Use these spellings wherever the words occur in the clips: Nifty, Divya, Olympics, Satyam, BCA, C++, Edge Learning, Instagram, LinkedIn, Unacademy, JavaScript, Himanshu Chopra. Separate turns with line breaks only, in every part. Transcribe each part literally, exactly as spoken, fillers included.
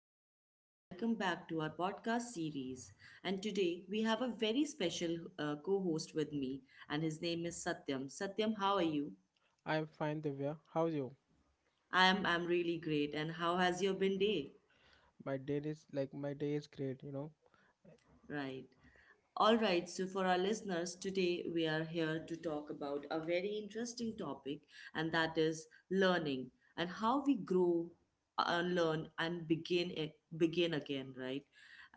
everyone, and welcome back to our podcast series. And today we have a very special uh, co host with me, and his name is Satyam. Satyam, how are you?
I'm fine, Divya. How's you?
I am I'm really great. And how has your been day?
My day is like my day is great, you know.
Right. All right, so for our listeners, today we are here to talk about a very interesting topic, and that is learning and how we grow, uh, learn, and begin a- begin again, right?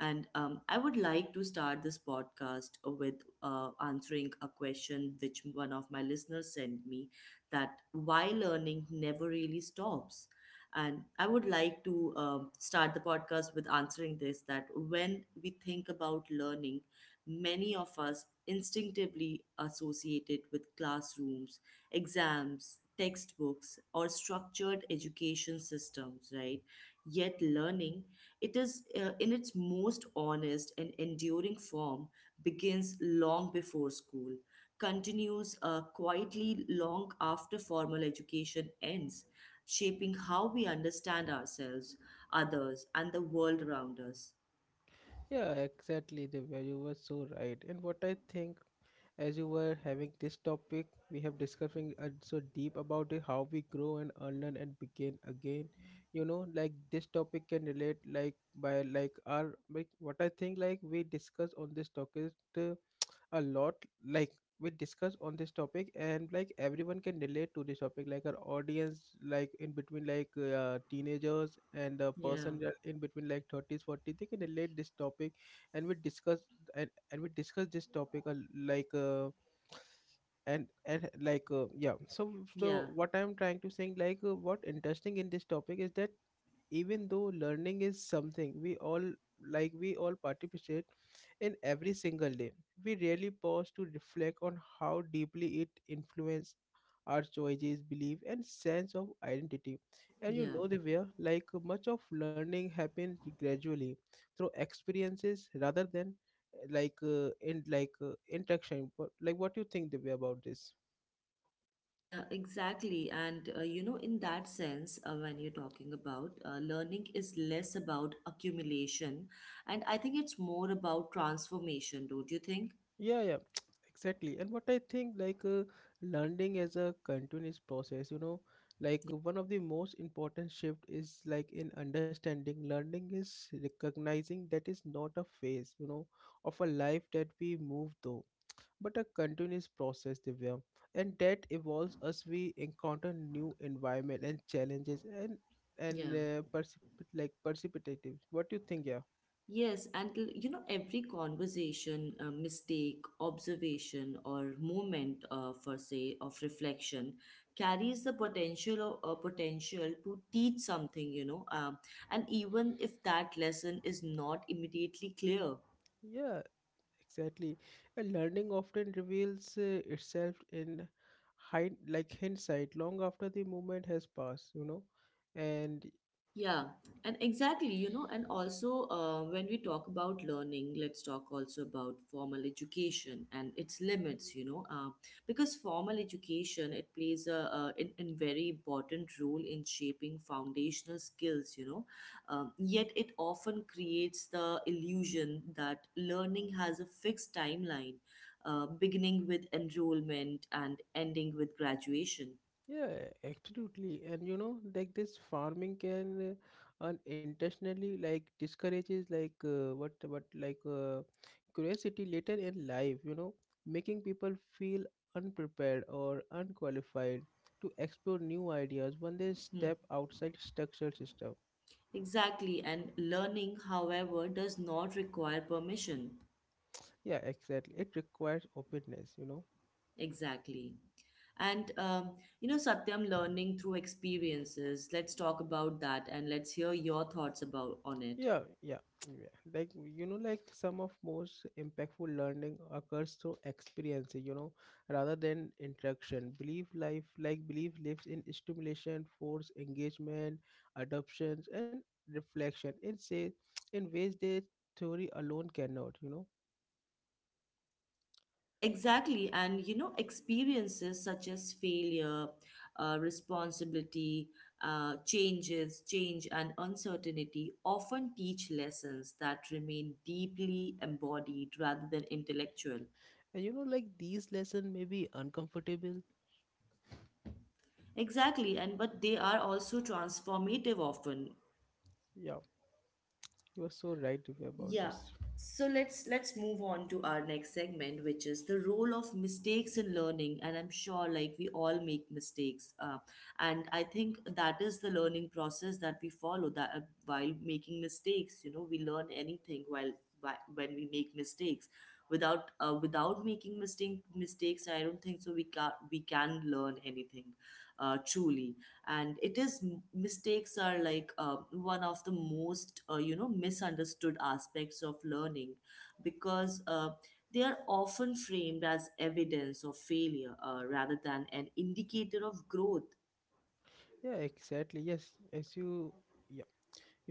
And um, I would like to start this podcast with uh, answering a question which one of my listeners sent me that why learning never really stops. And I would like to um start the podcast with answering this that when we think about learning, many of us instinctively associated with classrooms, exams, textbooks, or structured education systems, right? Yet learning, it is uh, in its most honest and enduring form, begins long before school, continues uh, quietly long after formal education ends, shaping how we understand ourselves, others, and the world around us.
Yeah, exactly, Divya. You were so right. And what I think, as you were having this topic, we have discussing uh, so deep about it, how we grow and unlearn and begin again. You know, like this topic can relate like by like our like what I think like we discuss on this topic. Uh, a lot like we discuss on this topic, and like everyone can relate to this topic, like our audience, like in between like uh, teenagers and a person
Yeah,
that in between like thirties forties, they can relate this topic, and we discuss and, and we discuss this topic a l- like uh, and and like uh, yeah. So
yeah,
so what I'm trying to saying like uh, what interesting in this topic is that even though learning is something we all like we all participate in every single day. We rarely pause to reflect on how deeply it influences our choices, belief, and sense of identity. And you
yeah.
know, Divya, like much of learning happens gradually through experiences rather than uh, like uh, in like uh, interaction. But like, what do you think, Divya, about this?
Yeah, exactly. And uh, you know, in that sense, uh, when you're talking about uh, learning is less about accumulation, and I think it's more about transformation, don't you think?
Yeah, yeah, exactly. And what I think, like, uh, learning as a continuous process, you know, like one of the most important shift is like in understanding learning is recognizing that is not a phase, you know, of a life that we move through, but a continuous process, Divya, and that evolves as we encounter new environment and challenges and and
Yeah.
uh, precipit like precipitative. What do you think? Yeah,
Yes, and l- you know, every conversation, uh, mistake, observation, or moment, uh, for say, of reflection, carries the potential of, uh, potential to teach something. You know, um, and even if that lesson is not immediately clear,
yeah. Exactly. And learning often reveals uh, itself in hind like hindsight long after the moment has passed, you know. And
yeah, and exactly, you know, and also uh, when we talk about learning, let's talk also about formal education and its limits, you know, uh, because formal education, it plays a, a, in, in very important role in shaping foundational skills, you know, um, yet it often creates the illusion that learning has a fixed timeline, uh, beginning with enrollment and ending with graduation.
yeah, absolutely. And you know, like this farming can uh, unintentionally like discourages like uh, what what like uh, curiosity later in life, you know, making people feel unprepared or unqualified to explore new ideas when they
Hmm.
step outside structural system.
Exactly, and learning, however, does not require permission.
Yeah, exactly, it requires openness, you know.
Exactly. And, um, you know, Satyam, learning through experiences. Let's talk about that and let's hear your thoughts about on it.
Yeah, yeah, yeah, like you know, like some of most impactful learning occurs through experience, you know, rather than instruction. Belief life like belief lives in stimulation force engagement, adoptions, and reflection in say, in ways that theory alone cannot, you know.
Exactly. And, you know, experiences such as failure, uh, responsibility, uh, changes, change, and uncertainty often teach lessons that remain deeply embodied rather than intellectual.
And you know, like these lessons may be uncomfortable.
Exactly, and but they are also transformative often.
Yeah, you are so right, Divya, about
Yeah.
this.
So let's let's move on to our next segment, which is the role of mistakes in learning. And I'm sure like we all make mistakes, uh, and I think that is the learning process that we follow. That uh, while making mistakes, you know, we learn anything while whi- when we make mistakes. Without uh, without making mistake mistakes, I don't think so. We can we can learn anything, uh, truly. And it is mistakes are like uh, one of the most uh, you know misunderstood aspects of learning because uh, they are often framed as evidence of failure uh, rather than an indicator of growth.
Yeah, exactly, yes, as you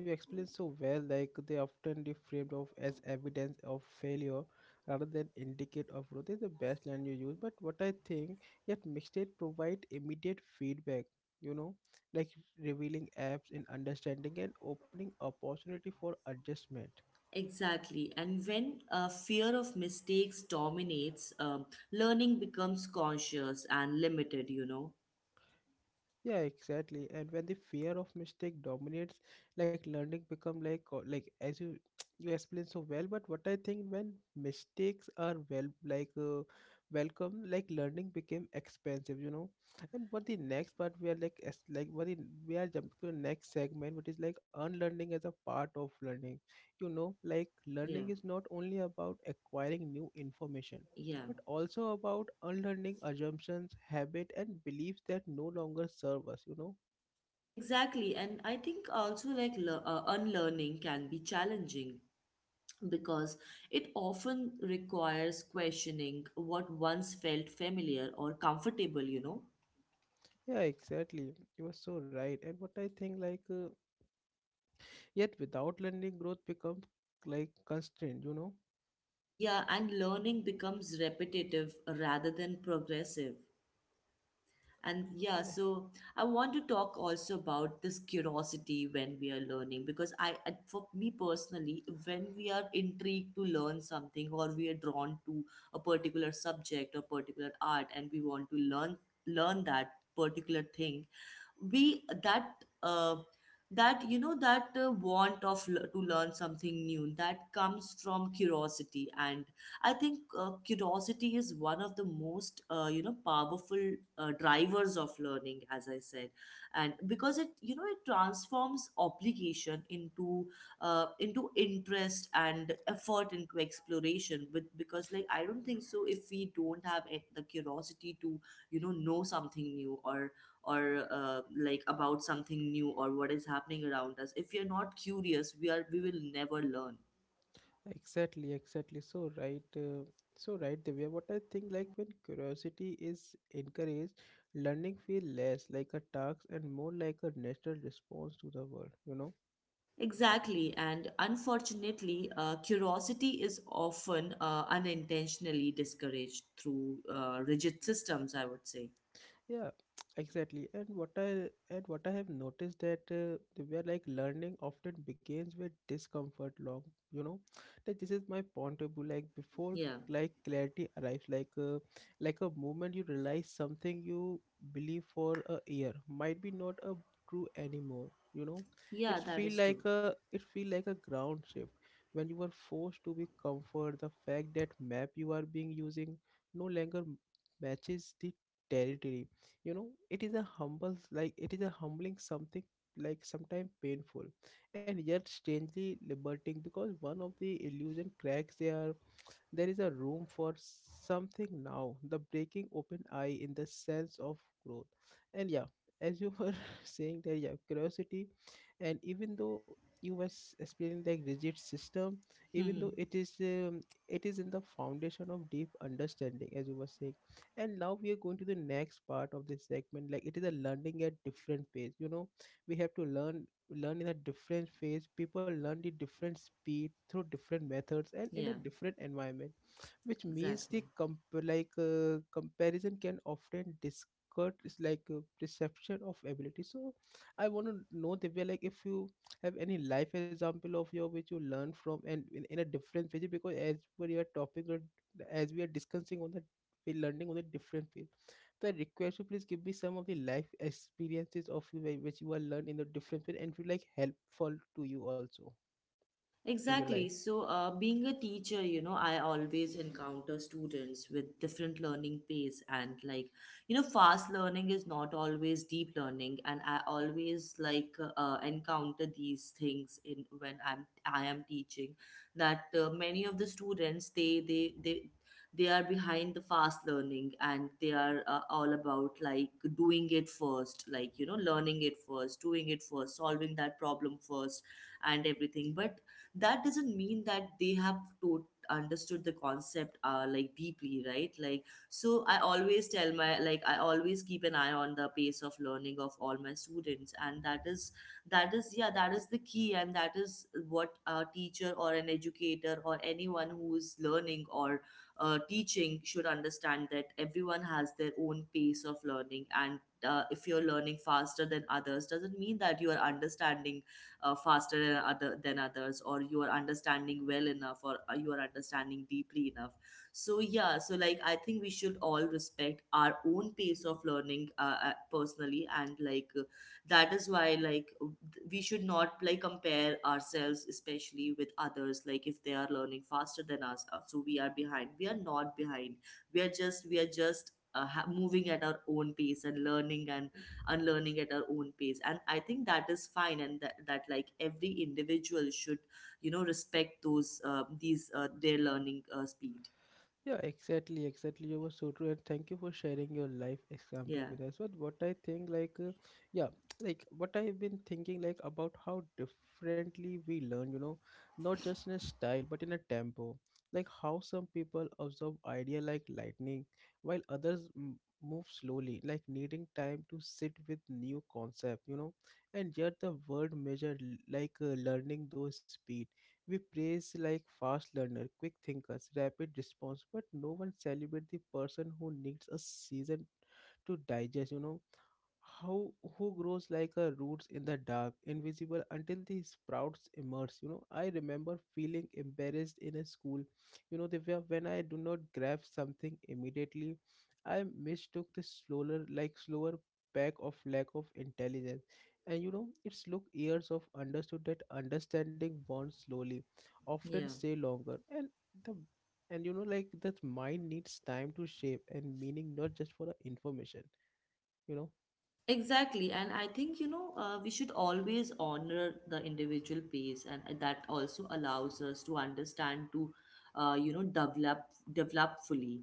you explain so well, like they often be framed of as evidence of failure rather than indicate of growth. Is the best line you use, but what I think, yet mixtape provide immediate feedback. You know, like revealing apps in understanding and opening opportunity for adjustment.
Exactly. And when uh, fear of mistakes dominates, um, learning becomes conscious and limited, you know?
Yeah, exactly. And when the fear of mistake dominates, like learning become like co- like as you you explain so well. But what I think when mistakes are well like uh, welcome, like learning became expensive, you know. And what the next part we are like as like what the, we are jumping to the next segment, which is like unlearning as a part of learning. You know, like
Yeah,
learning is not only about acquiring new information,
yeah.
but also about unlearning assumptions, habit, and beliefs that no longer serve us, you know?
Exactly. And I think also like le- uh, unlearning can be challenging because it often requires questioning what once felt familiar or comfortable, you know?
Yeah, exactly. You were so right. And what I think, like, uh, yet without learning, growth becomes like constrained, you know?
Yeah, and learning becomes repetitive rather than progressive. And yeah,
Yeah,
so I want to talk also about this curiosity when we are learning because I, I- for me personally, when we are intrigued to learn something or we are drawn to a particular subject or particular art and we want to learn learn that particular thing, we that uh, that you know that uh, want of l- to learn something new that comes from curiosity. And I think uh, curiosity is one of the most uh, you know powerful uh, drivers of learning, as I said, and because it you know it transforms obligation into uh, into interest and effort into exploration. With because like I don't think so if we don't have it- the curiosity to you know know something new or or uh, like about something new or what is happening around us, if we are not curious, we are we will never learn.
exactly, exactly. So right, uh, so right, Divya. What I think, like, when curiosity is encouraged, learning feel less like a task and more like a natural response to the world, you know?
Exactly, and unfortunately, uh, curiosity is often uh, unintentionally discouraged through uh, rigid systems, I would say.
Yeah, exactly. And what I and what I have noticed that uh, the- where like learning often begins with discomfort long, you know. Like this is my point of view. Like before
Yeah,
like clarity arrives, like uh, like a moment you realize something you believe for a year might be not a true anymore. You know,
yeah,
it
that
feel
is true.
like a it feel like a ground shift when you were forced to be comfort the fact that map you are being using no longer matches the territory, you know. It is a humble like it is a humbling something, like sometimes painful, and yet strangely liberating because one of the illusion cracks their, there is a room for something now, the breaking open eye in the sense of growth. And yeah, as you were saying that, yeah, curiosity, and even though you were s- explaining the rigid system, even though it is um, it is in the foundation of deep understanding, as you were saying. And now we are going to the next part of this segment. Like it is a learning at different pace. You know, we have to learn learn in a different phase, people learn the different speed through different methods and in a
Yeah,
different environment, which means the
exactly.
comp- like uh, comparison can often discard is like a perception of ability. So I want to know, Divya, like if you have any life example of your which you learn from, and in, in a different phase, because as we are topic or as we are discussing on the we're learning on a different phase, that request, you please give me some of the life experiences of you whi- which you are learned in the different way and feel like helpful to you also in your life.
Exactly. So, uh, being a teacher, you know, I always encounter students with different learning pace and like, you know, fast learning is not always deep learning, and I always like uh, encounter these things in when I'm I am teaching that uh, many of the students they they they they are behind the fast learning and they are uh, all about like doing it first, like you know, learning it first, doing it first, solving that problem first and everything. But that doesn't mean that they have to understood the concept uh, like deeply, right? Like so I always tell my like I always keep an eye on the pace of learning of all my students, and that is that is yeah that is the key. And that is what a teacher or an educator or anyone who is learning or uh, teaching should understand, that everyone has their own pace of learning. And uh, if you're learning faster than others doesn't mean that you are understanding uh, faster than, other, than others, or you are understanding well enough, or uh, you are understanding deeply enough. So yeah, so like I think we should all respect our own pace of learning, uh, uh, personally, and like uh, that is why like we should not like compare ourselves especially with others. Like if they are learning faster than us, uh, so we are behind, we are not behind. We are just we are just uh, ha- moving at our own pace and learning and unlearning at our own pace. And I think that is fine, and that, that like every individual should you know respect those uh, these uh, their learning uh, speed.
Yeah, exactly, exactly. You were so true, and thank you for sharing your life example
Yeah,
with us. But what I think, like, uh, yeah, like what I have been thinking, like, about how differently we learn. You know, not just in a style, but in a tempo. Like how some people absorb idea like lightning, while others m- move slowly, like needing time to sit with new concept. You know, and yet the world measure like uh, learning those speed, we praise like fast learner, quick thinkers, rapid response, but no one celebrate the person who needs a season to digest, you know, how who grows like a roots in the dark invisible until the sprouts emerge. You know, I remember feeling embarrassed in a school, you know, the way when I do not grab something immediately, I mistook the slower like slower pack of lack of intelligence. And you know, its look years of understood that understanding born slowly often
yeah,
stay longer, and the and you know, like that mind needs time to shape and meaning, not just for the information, you know.
exactly. And I think you know uh, we should always honor the individual pace, and uh, that also allows us to understand to uh, you know develop develop fully.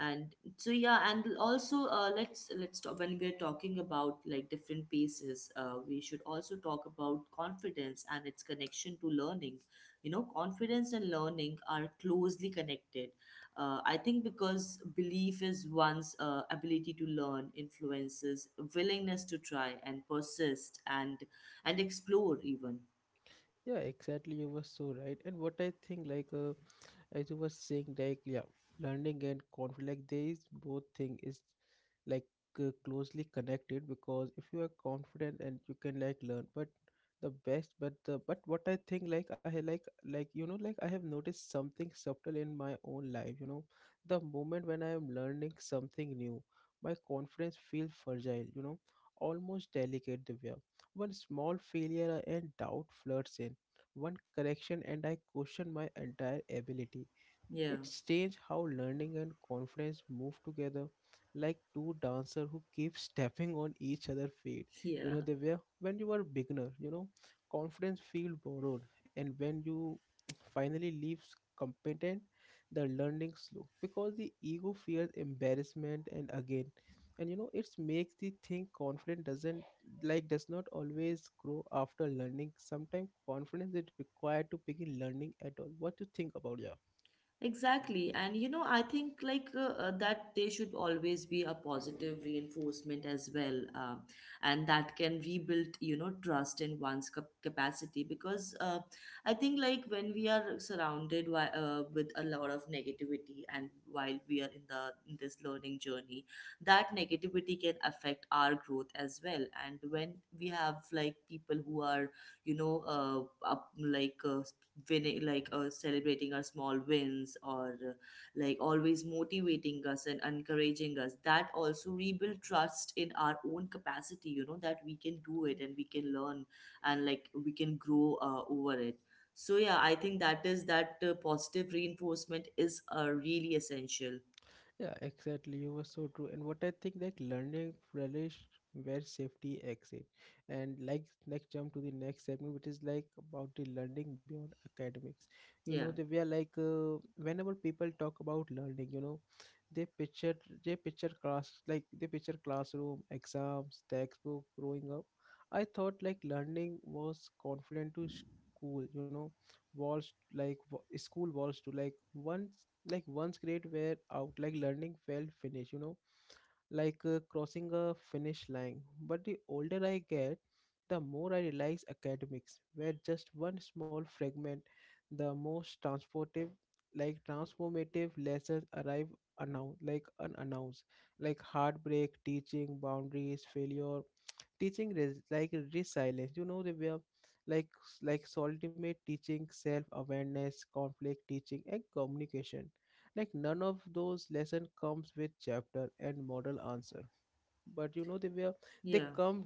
And so yeah, and also uh, let's let's talk when we're talking about like different paces, uh, we should also talk about confidence and its connection to learning. You know, confidence and learning are closely connected, uh, I think, because belief is one's uh, ability to learn influences willingness to try and persist and and explore even.
Yeah, exactly. You were so right. And what I think, like, uh, as you were saying, like, yeah, learning and conflict, like, there is both thing is like uh, closely connected because if you are confident and you can like learn, but the best, but the but what I think, like, I like like you know, like I have noticed something subtle in my own life. You know, the moment when I am learning something new, my confidence feels fragile. You know, almost delicate, Divya, one small failure and doubt floods in, one correction and I question my entire ability.
Yeah.
It's strange how learning and confidence move together like two dancers who keep stepping on each other's feet. You know,
Yeah.
they were when you are beginner, you know, confidence feel borrowed, and when you finally leaves competent, the learning slow because the ego fears embarrassment and again. And you know, it's makes the thing confident doesn't, like does not always grow after learning. Sometimes confidence is required to begin learning at all. What do you think about yeah?
Exactly. And you know, I think like uh, uh, that there should always be a positive reinforcement as well. Um, and that can rebuild, you know, trust in one's cap- capacity. Because uh, I think like when we are surrounded by, uh, with a lot of negativity, and while we are in the in this learning journey, that negativity can affect our growth as well. And when we have like people who are, you know, uh, up, like uh, winning like uh, celebrating our small wins, or uh, like always motivating us and encouraging us, that also rebuild trust in our own capacity, you know, that we can do it and we can learn and like we can grow uh, over it. So yeah, I think that is that uh, positive reinforcement is uh, really essential.
Yeah, exactly. You were so true. And what I think like learning relish where safety exit. And like next jump to the next segment, which is like about the learning beyond academics. You know,
Yeah,
they were like uh, whenever people talk about learning, you know, they picture they picture class like they picture classroom, exams, textbook, growing up. I thought like learning was confined to school, you know, walls like wa- school walls to like one like once grade were out like learning felt finished, you know, like uh, crossing a finish line. But the older I get, the more I realize academics were just one small fragment. The most transportive like transformative lessons arrive announced like unannounced, like heartbreak teaching boundaries, failure teaching res- like resilience. You know, they were like like ultimate teaching self-awareness, conflict teaching and communication. Like none of those lesson comes with chapter and model answer. But you know, they were they
yeah.
come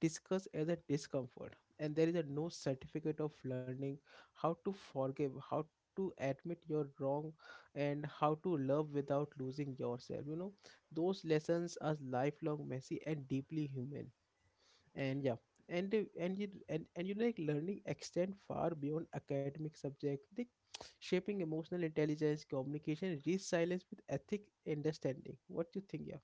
discuss as a discomfort, and there is a no certificate of learning how to forgive, how to admit your wrong, and how to love without losing yourself, you know. Those lessons are lifelong, messy, and deeply human. And yeah, and uh, and you and, and you know, like learning extend far beyond academic subject, like shaping emotional intelligence, communication, resilience with ethic understanding. What do you think? Yeah,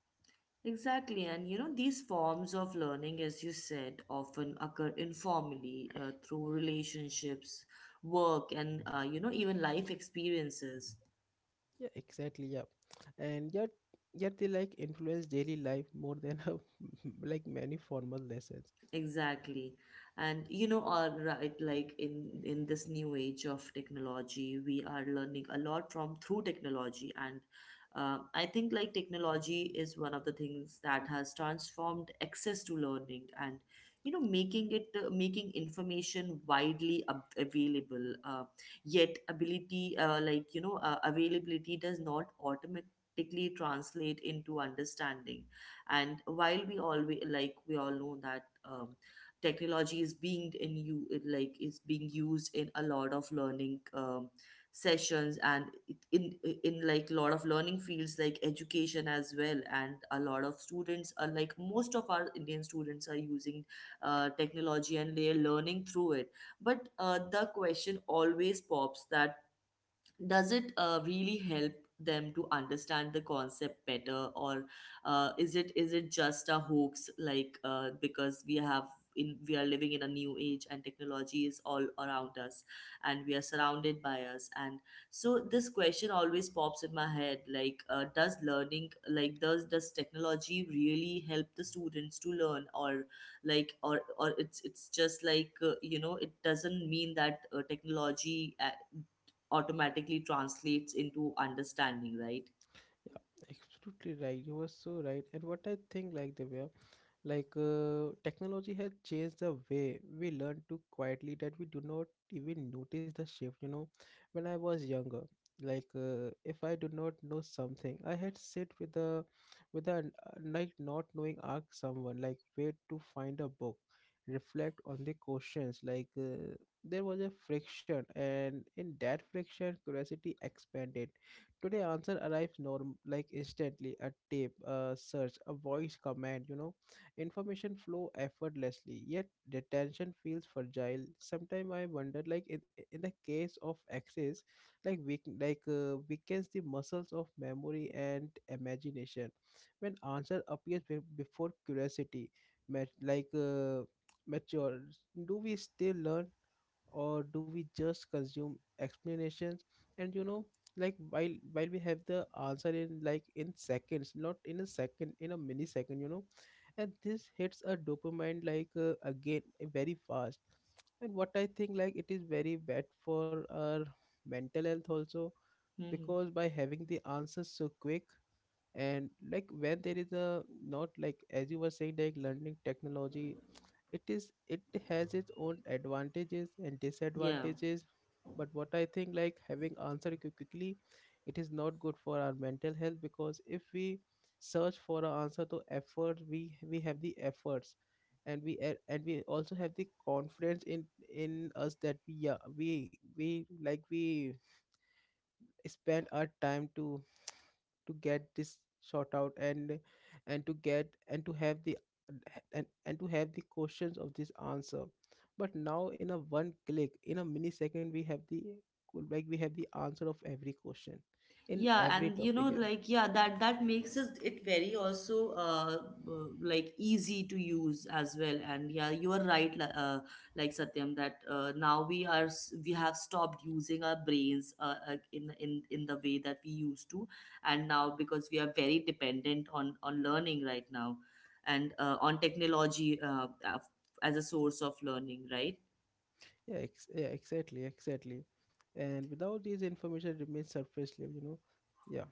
Exactly, and you know, these forms of learning, as you said, often occur informally uh, through relationships, work, and uh, you know, even life experiences.
yeah, exactly, yeah. And yet, yet they like influence daily life more than uh, like many formal lessons.
Exactly. And you know, all right, like in in this new age of technology, we are learning a lot from through technology. And uh, I think like technology is one of the things that has transformed access to learning, and you know making it uh, making information widely ab- available. Uh, yet ability, uh, like you know, uh, availability does not automatically translate into understanding. And while we always like we all know that, um, technology is being in you like is being used in a lot of learning, um, sessions, and it- in in like a lot of learning fields like education as well. And a lot of students are like, most of our Indian students are using uh, technology and they're learning through it. But uh, the question always pops that does it uh, really help them to understand the concept better? Or uh, is it is it just a hoax? Like uh, because we have in we are living in a new age and technology is all around us, and we are surrounded by us. And so this question always pops in my head, like uh, does learning like does does technology really help the students to learn? Or like or or it's it's just like uh, you know, it doesn't mean that uh, technology uh, automatically translates into understanding, right?
Absolutely right, you were so right. And what I think, like the way, like uh, technology has changed the way we learn to quietly that we do not even notice the shift. You know, when I was younger, like uh, if I do not know something, I had sit with a with a like not knowing, ask someone like where to find a book, reflect on the questions. Like uh, there was a friction, and in that friction, curiosity expanded. Today, answer arrives norm like instantly. A tape, a search, a voice command. You know, information flow effortlessly, yet detention feels fragile. Sometimes I wonder, like in, in the case of access like weak like uh, weakens the muscles of memory and imagination. When answer appears be- before curiosity mat- like uh, matures, do we still learn or do we just consume explanations? And you know, like while while we have the answer in like in seconds, not in a second, in a millisecond, you know. And this hits a dopamine like uh, again very fast. And what I think, like it is very bad for our mental health also,
Hmm.
because by having the answers so quick, and like when there is a not like, as you were saying, like learning technology, it is it has its own advantages and
Yeah.
disadvantages. But what I think, like having answered quick- quickly, it is not good for our mental health, because if we search for an answer to effort, we we have the efforts, and we a- and we also have the confidence in in us that we, yeah, we we like we spend our time to to get this sort out and and to get and to have the and, and to have the questions of this answer. But now in a one click, in a millisecond, we have the like we have the answer of every question in
Yeah,
every
and you
topic,
know,
yeah.
like, yeah, that that makes it, it very also uh, uh, like easy to use as well. And yeah, you are right, li- uh, like Satyam, that uh, now we are s- we have stopped using our brains uh, uh, in in in the way that we used to, and now because we are very dependent on on learning right now, and uh, on technology uh, af- as a source of learning, right?
Yeah, ex- yeah, exactly, exactly. And without these information, it remains surface level, you know. Yeah.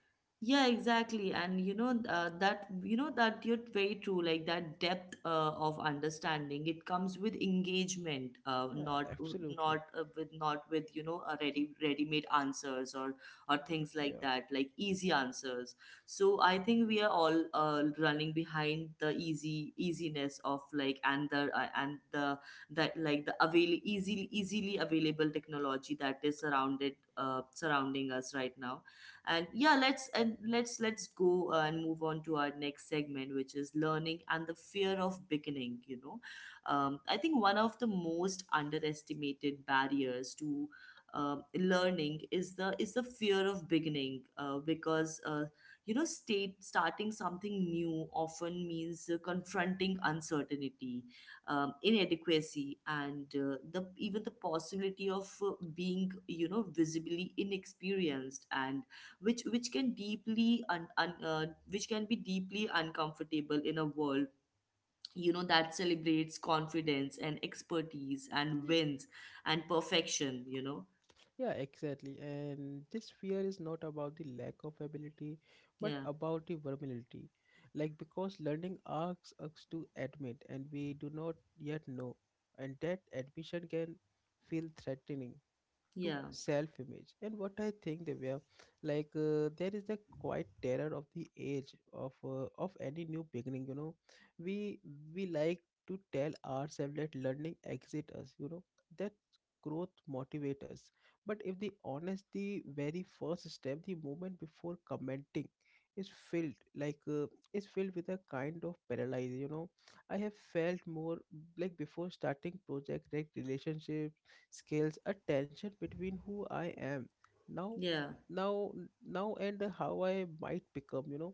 Yeah, exactly. And you know uh, that you know that you're very true. Like that depth uh, of understanding, it comes with engagement, uh,
Yeah,
not
absolutely.
not uh, with not with you know a ready ready-made answers or or
Mm,
things like
yeah.
that, like easy answers. So I think we are all uh, running behind the easy easiness of like and the uh, and the that like the avail easily easily available technology that is surrounded uh, surrounding us right now, and yeah let's and let's let's go uh, and move on to our next segment, which is learning and the fear of beginning, you know. Um, i think one of the most underestimated barriers to um, learning is the is the fear of beginning, uh, because uh, you know, state starting something new often means uh, confronting uncertainty, um, inadequacy, and uh, the even the possibility of uh, being, you know, visibly inexperienced, and which which can deeply un, un, uh, which can be deeply uncomfortable in a world, you know, that celebrates confidence and expertise and wins and perfection, you know.
Yeah, exactly. And this fear is not about the lack of ability, but
Yeah,
about the vulnerability. Like, because learning asks us to admit, and we do not yet know. And that admission can feel threatening to
yeah,
self image. And what I think, they were like uh, there is the quiet terror of the age of uh, of any new beginning, you know. We we like to tell ourselves that learning exit us, you know, that growth motivate us. But if the honest, the very first step, the moment before commenting is filled like uh, is filled with a kind of paralysis, you know. I have felt more like before starting project like relationship scales a tension between who I am now
yeah,
now now and how I might become, you know.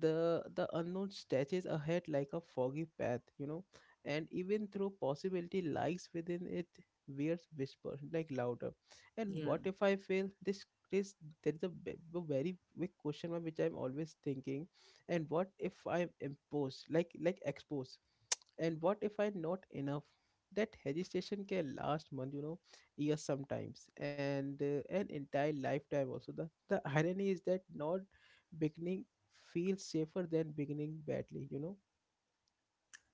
The the unknown stretches ahead like a foggy path, you know. And even through possibility lies within it, weird whisper like louder, and what
yeah.
if I fail this this? There is a, ve- a very big question mark which I'm always thinking. And what if I'm imposed like like exposed? And what if I'm not enough? That hesitation can last month, you know, years sometimes, and uh, an entire lifetime also. The the irony is that not beginning feels safer than beginning badly, you know.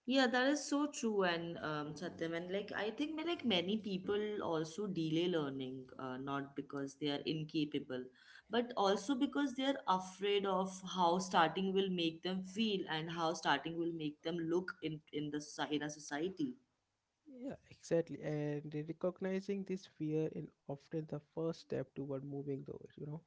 Yeah, that is so true, and um, Satyam, and like I think ma- like many people also delay learning, uh, not because they are incapable, but also because they are afraid of how starting will make them feel and how starting will make them look in in the soci- in a society.
Yeah, exactly. And recognizing this fear is often the first step toward moving though, you know.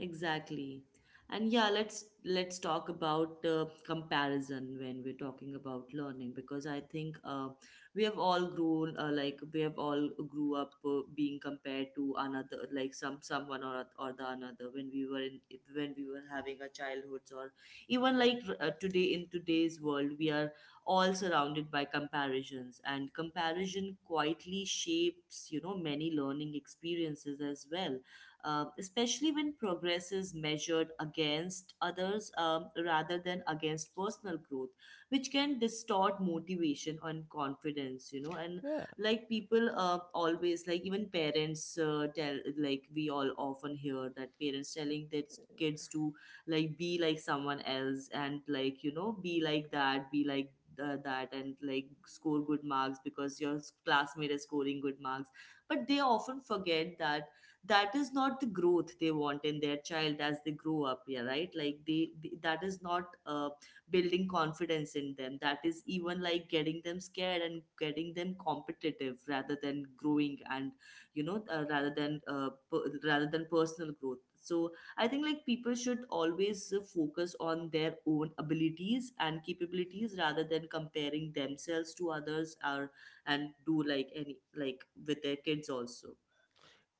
Exactly. And yeah, let's let's talk about uh, comparison when we're talking about learning, because I think uh, we have all grown uh, like we have all grew up uh, being compared to another, like some someone or oth- or the another, when we were in when we were having our childhoods, or even like uh, today in today's world we are all surrounded by comparisons, and comparison quietly shapes, you know, many learning experiences as well, uh, especially when progress is measured against others, um, rather than against personal growth, which can distort motivation and confidence, you know. And
Yeah.
like people uh, always, like even parents uh, tell, like we all often hear that parents telling their kids to like be like someone else and, like, you know, be like that, be like uh, that, and like score good marks because your classmate is scoring good marks, but they often forget that that is not the growth they want in their child as they grow up, yeah, right, like they, they that is not uh, building confidence in them, that is even like getting them scared and getting them competitive rather than growing, and you know, uh, rather than uh, per, rather than personal growth. So I think like people should always uh, focus on their own abilities and capabilities rather than comparing themselves to others, or and do like any like with their kids also.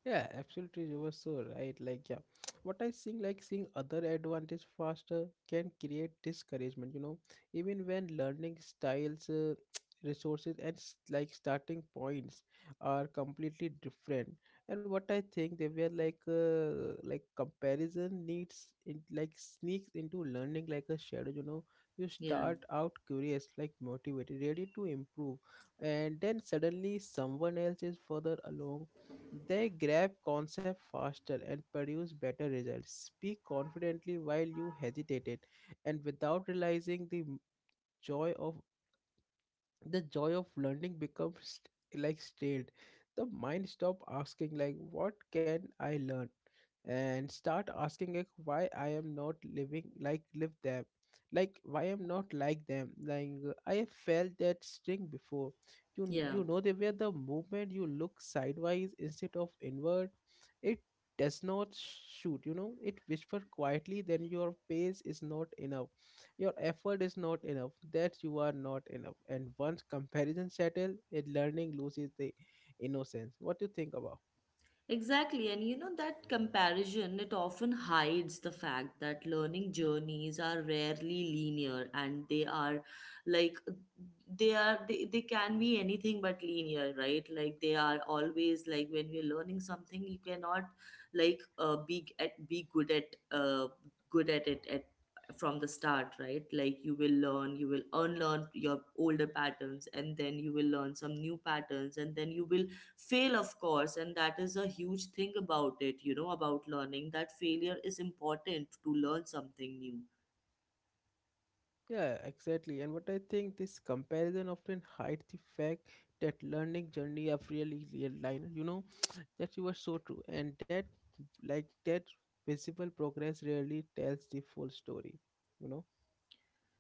Yeah, absolutely. You were so right. Like, yeah, what I think, like seeing other advantage faster can create discouragement, you know, even when learning styles, uh, resources, and s- like starting points are completely different. And what I think they were like, uh, like comparison needs in like sneaks into learning like a shadow, you know. You
Yeah,
start out curious, like motivated, ready to improve, and then suddenly someone else is further along. They grab concept faster and produce better results, speak confidently while you hesitate. And without realizing, the m- joy of the joy of learning becomes st- like stalled. The mind stop asking like what can I learn, and start asking like why I am not living like live them, like why I'm not like them. Like uh, I have felt that string before. You
yeah.
you know, the where the movement you look sideways instead of inward, it does not shoot, you know. It whisper quietly then your pace is not enough, your effort is not enough, that you are not enough. And once comparison settle, it learning loses the innocence. What do you think about?
Exactly, and you know that comparison, it often hides the fact that learning journeys are rarely linear, and they are like they are they, they can be anything but linear, right? Like they are always like when we're learning something, you cannot like uh, be g- at be good at uh, good at it at from the start, right? Like you will learn, you will unlearn your older patterns, and then you will learn some new patterns, and then you will fail, of course, and that is a huge thing about it, you know, about learning, that failure is important to learn something new.
Yeah, exactly. And what I think this comparison often hides the fact that learning journey are really real line, you know, that you are so true. And that like that visible progress rarely tells the full story, you know.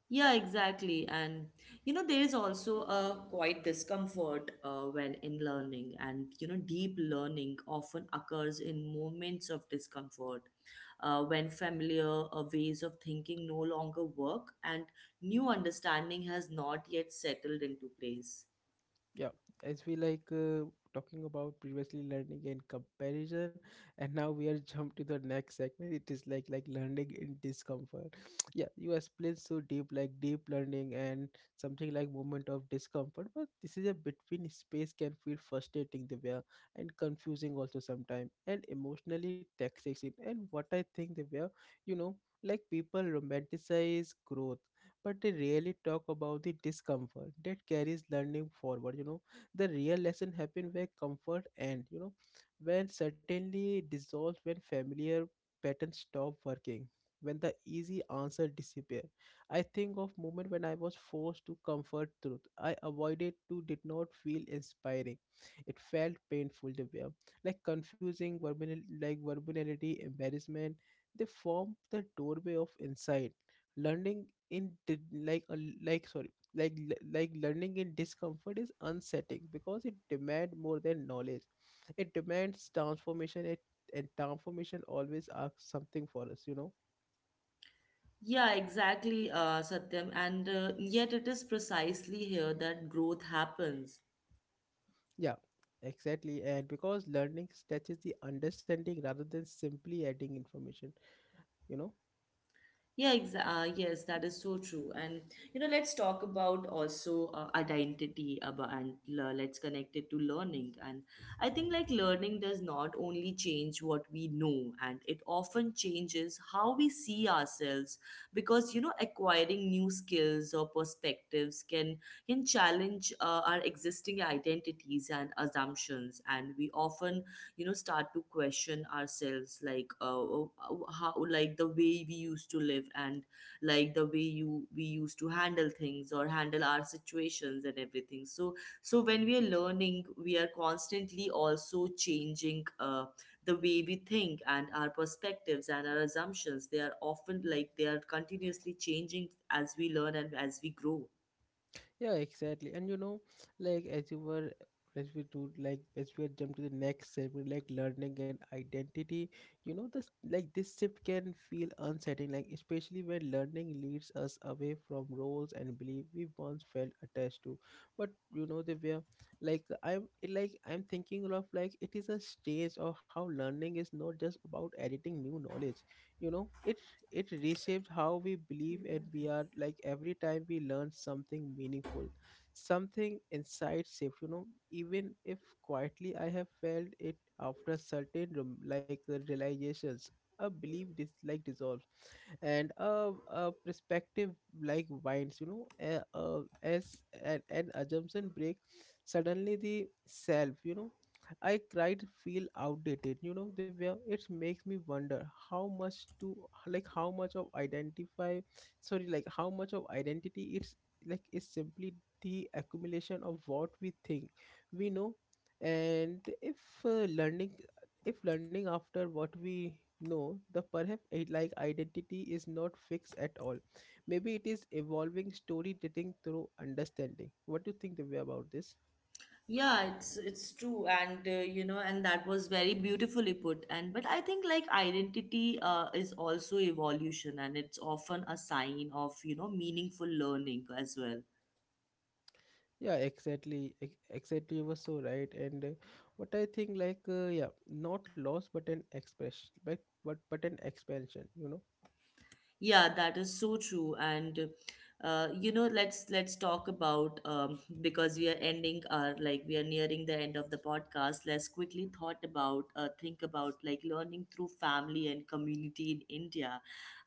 Yeah, exactly, and you know there is also a quite discomfort uh, when in learning, and you know deep learning often occurs in moments of discomfort, uh, when familiar uh, ways of thinking no longer work and new understanding has not yet settled into place.
Yeah, as we like uh, talking about previously learning and comparison, and now we are jump to the next segment. It is like like learning in discomfort. Yeah, you explained so deep, like deep learning and something like moment of discomfort. But this is a between space can feel frustrating, Divya, and confusing also sometimes, and emotionally taxing. And what I think, Divya, you know, like people romanticize growth, but they rarely talk about the discomfort that carries learning forward, you know. The real lesson happen where comfort and, you know, when certainly dissolves, when familiar patterns stop working, when the easy answer disappear. I think of moment when I was forced to comfort truth I avoided to did not feel inspiring. It felt painful to bear, like confusing verbal like verbality embarrassment. They form the doorway of insight. Learning in di- like a l- like sorry like le- like learning in discomfort is unsettling because it demands more than knowledge. It demands transformation it, and transformation always asks something for us, you know.
Yeah, exactly, uh, Satyam. And uh, yet, it is precisely here that growth happens.
Yeah, exactly. And because learning stretches the understanding rather than simply adding information, you know.
Yeah, exa- uh, yes, that is so true. And you know, let's talk about also uh, identity about, and le- let's connect it to learning. And I think like learning does not only change what we know, and it often changes how we see ourselves, because you know, acquiring new skills or perspectives can can challenge uh, our existing identities and assumptions, and we often, you know, start to question ourselves, like uh, uh, how like the way we used to live, and like the way you we used to handle things, or handle our situations and everything. So so when we are learning, we are constantly also changing uh, the way we think, and our perspectives and our assumptions, they are often like they are continuously changing as we learn and as we grow.
Yeah, exactly. And you know, like as you were, as we do like as we had jumped to the next segment, like learning and identity, you know, this like this shift can feel unsettling, like especially when learning leads us away from roles and belief we once felt attached to. But you know, they were like I'm like I'm thinking of like it is a stage of how learning is not just about editing new knowledge, you know. It it reshaped how we believe, and we are like every time we learn something meaningful, something inside safe, you know, even if quietly. I have felt it after certain rem- like uh, realizations. A belief dis- like dissolves, and a, a perspective like winds, you know, uh, uh, as an, an assumption break, suddenly the self, you know, I cried feel outdated, you know. The way it makes me wonder how much to like how much of identify sorry like how much of identity it's like is simply the accumulation of what we think we know. And if uh, learning, if learning after what we know, the perhaps i- like identity is not fixed at all. Maybe it is evolving story telling through understanding. What do you think, Divya, about this?
Yeah, it's it's true, and uh, you know, and that was very beautifully put. And but I think like identity uh, is also evolution, and it's often a sign of, you know, meaningful learning as well.
Yeah, exactly, ex- exactly, you were so right. And uh, what I think, like uh, yeah, not loss but an expression, but, but but an expansion, you know.
Yeah, that is so true. And uh, you know, let's let's talk about um, because we are ending our, like we are nearing the end of the podcast. Let's quickly thought about uh, think about like learning through family and community in India.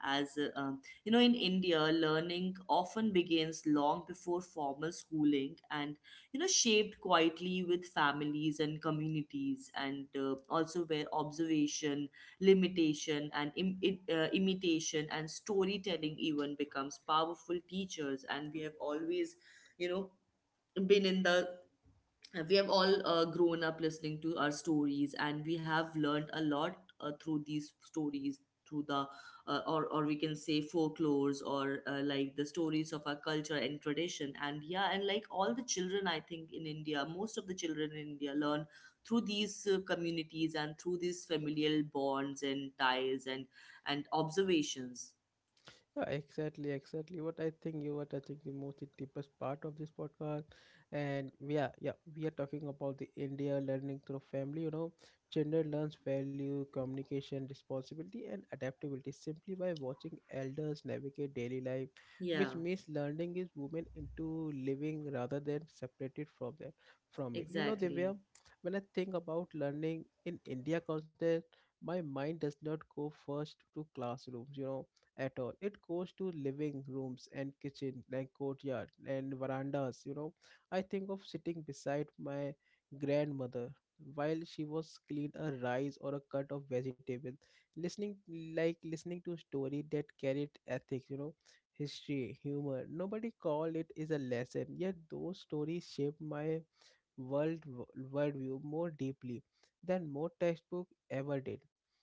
As uh, um, You know, in India, learning often begins long before formal schooling, and you know, shaped quietly with families and communities, and uh, also where observation, limitation and Im- it, uh, imitation and storytelling even becomes powerful teachers, and we have always, you know, been in the we have all uh, grown up listening to our stories, and we have learned a lot uh, through these stories, through the uh, or or we can say folklores, or uh, like the stories of our culture and tradition. And yeah, and like all the children, I think in india, most of the children in india learn through these uh, communities, and through these familial bonds and ties and and observations.
Yeah, exactly, exactly. What I think, you were touching the most the deepest part of this podcast, and we are, yeah, we are talking about the India learning through family. You know, children learns value, communication, responsibility, and adaptability simply by watching elders navigate daily life,
Yeah,
which means learning is woven into living rather than separated from them from it. You know, they
exactly.
were when I think about learning in India context, my mind does not go first to classrooms. You know, at all it goes to living rooms and kitchen like courtyard and verandas, you know. I think of sitting beside my grandmother while she was clean a rice or a cut of vegetable, listening like listening to a story that carried ethics, you know, history, humor. Nobody called it is a lesson, yet those stories shaped my world w- worldview more deeply than more textbooks ever did.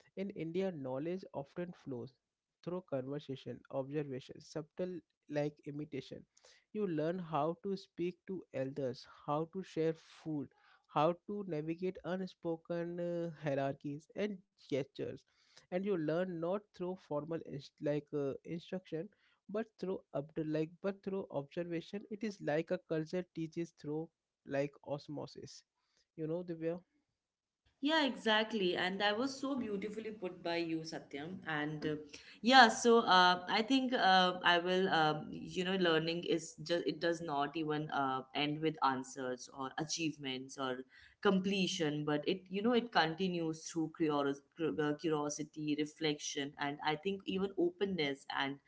In India, knowledge often flows through conversation, observation, subtle like imitation. You learn how to speak to elders, how to share food, how to navigate unspoken uh, hierarchies and gestures. And you learn not through formal inst- like uh, instruction, but through obd- like but through observation. It is like a culture teaches through like osmosis, you know, Divya.
Yeah, exactly. And that was so beautifully put by you, Satyam. And uh, yeah, so uh, I think uh, I will, uh, you know, learning is just, it does not even uh, end with answers or achievements or completion, but it, you know, it continues through curios- cur- uh, curiosity, reflection, and I think even openness. And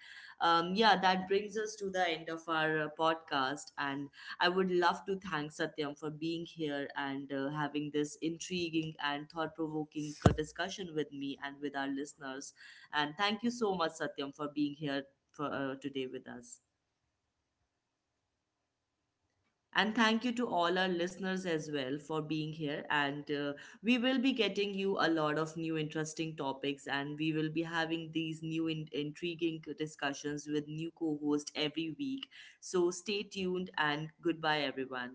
um, yeah, that brings us to the end of our uh, podcast. And I would love to thank Satyam for being here, and uh, having this intriguing and thought provoking discussion with me and with our listeners. And thank you so much, Satyam, for being here for, uh, today with us. And thank you to all our listeners as well for being here. And uh, we will be getting you a lot of new interesting topics, and we will be having these new in- intriguing discussions with new co host every week. So stay tuned, and goodbye, everyone.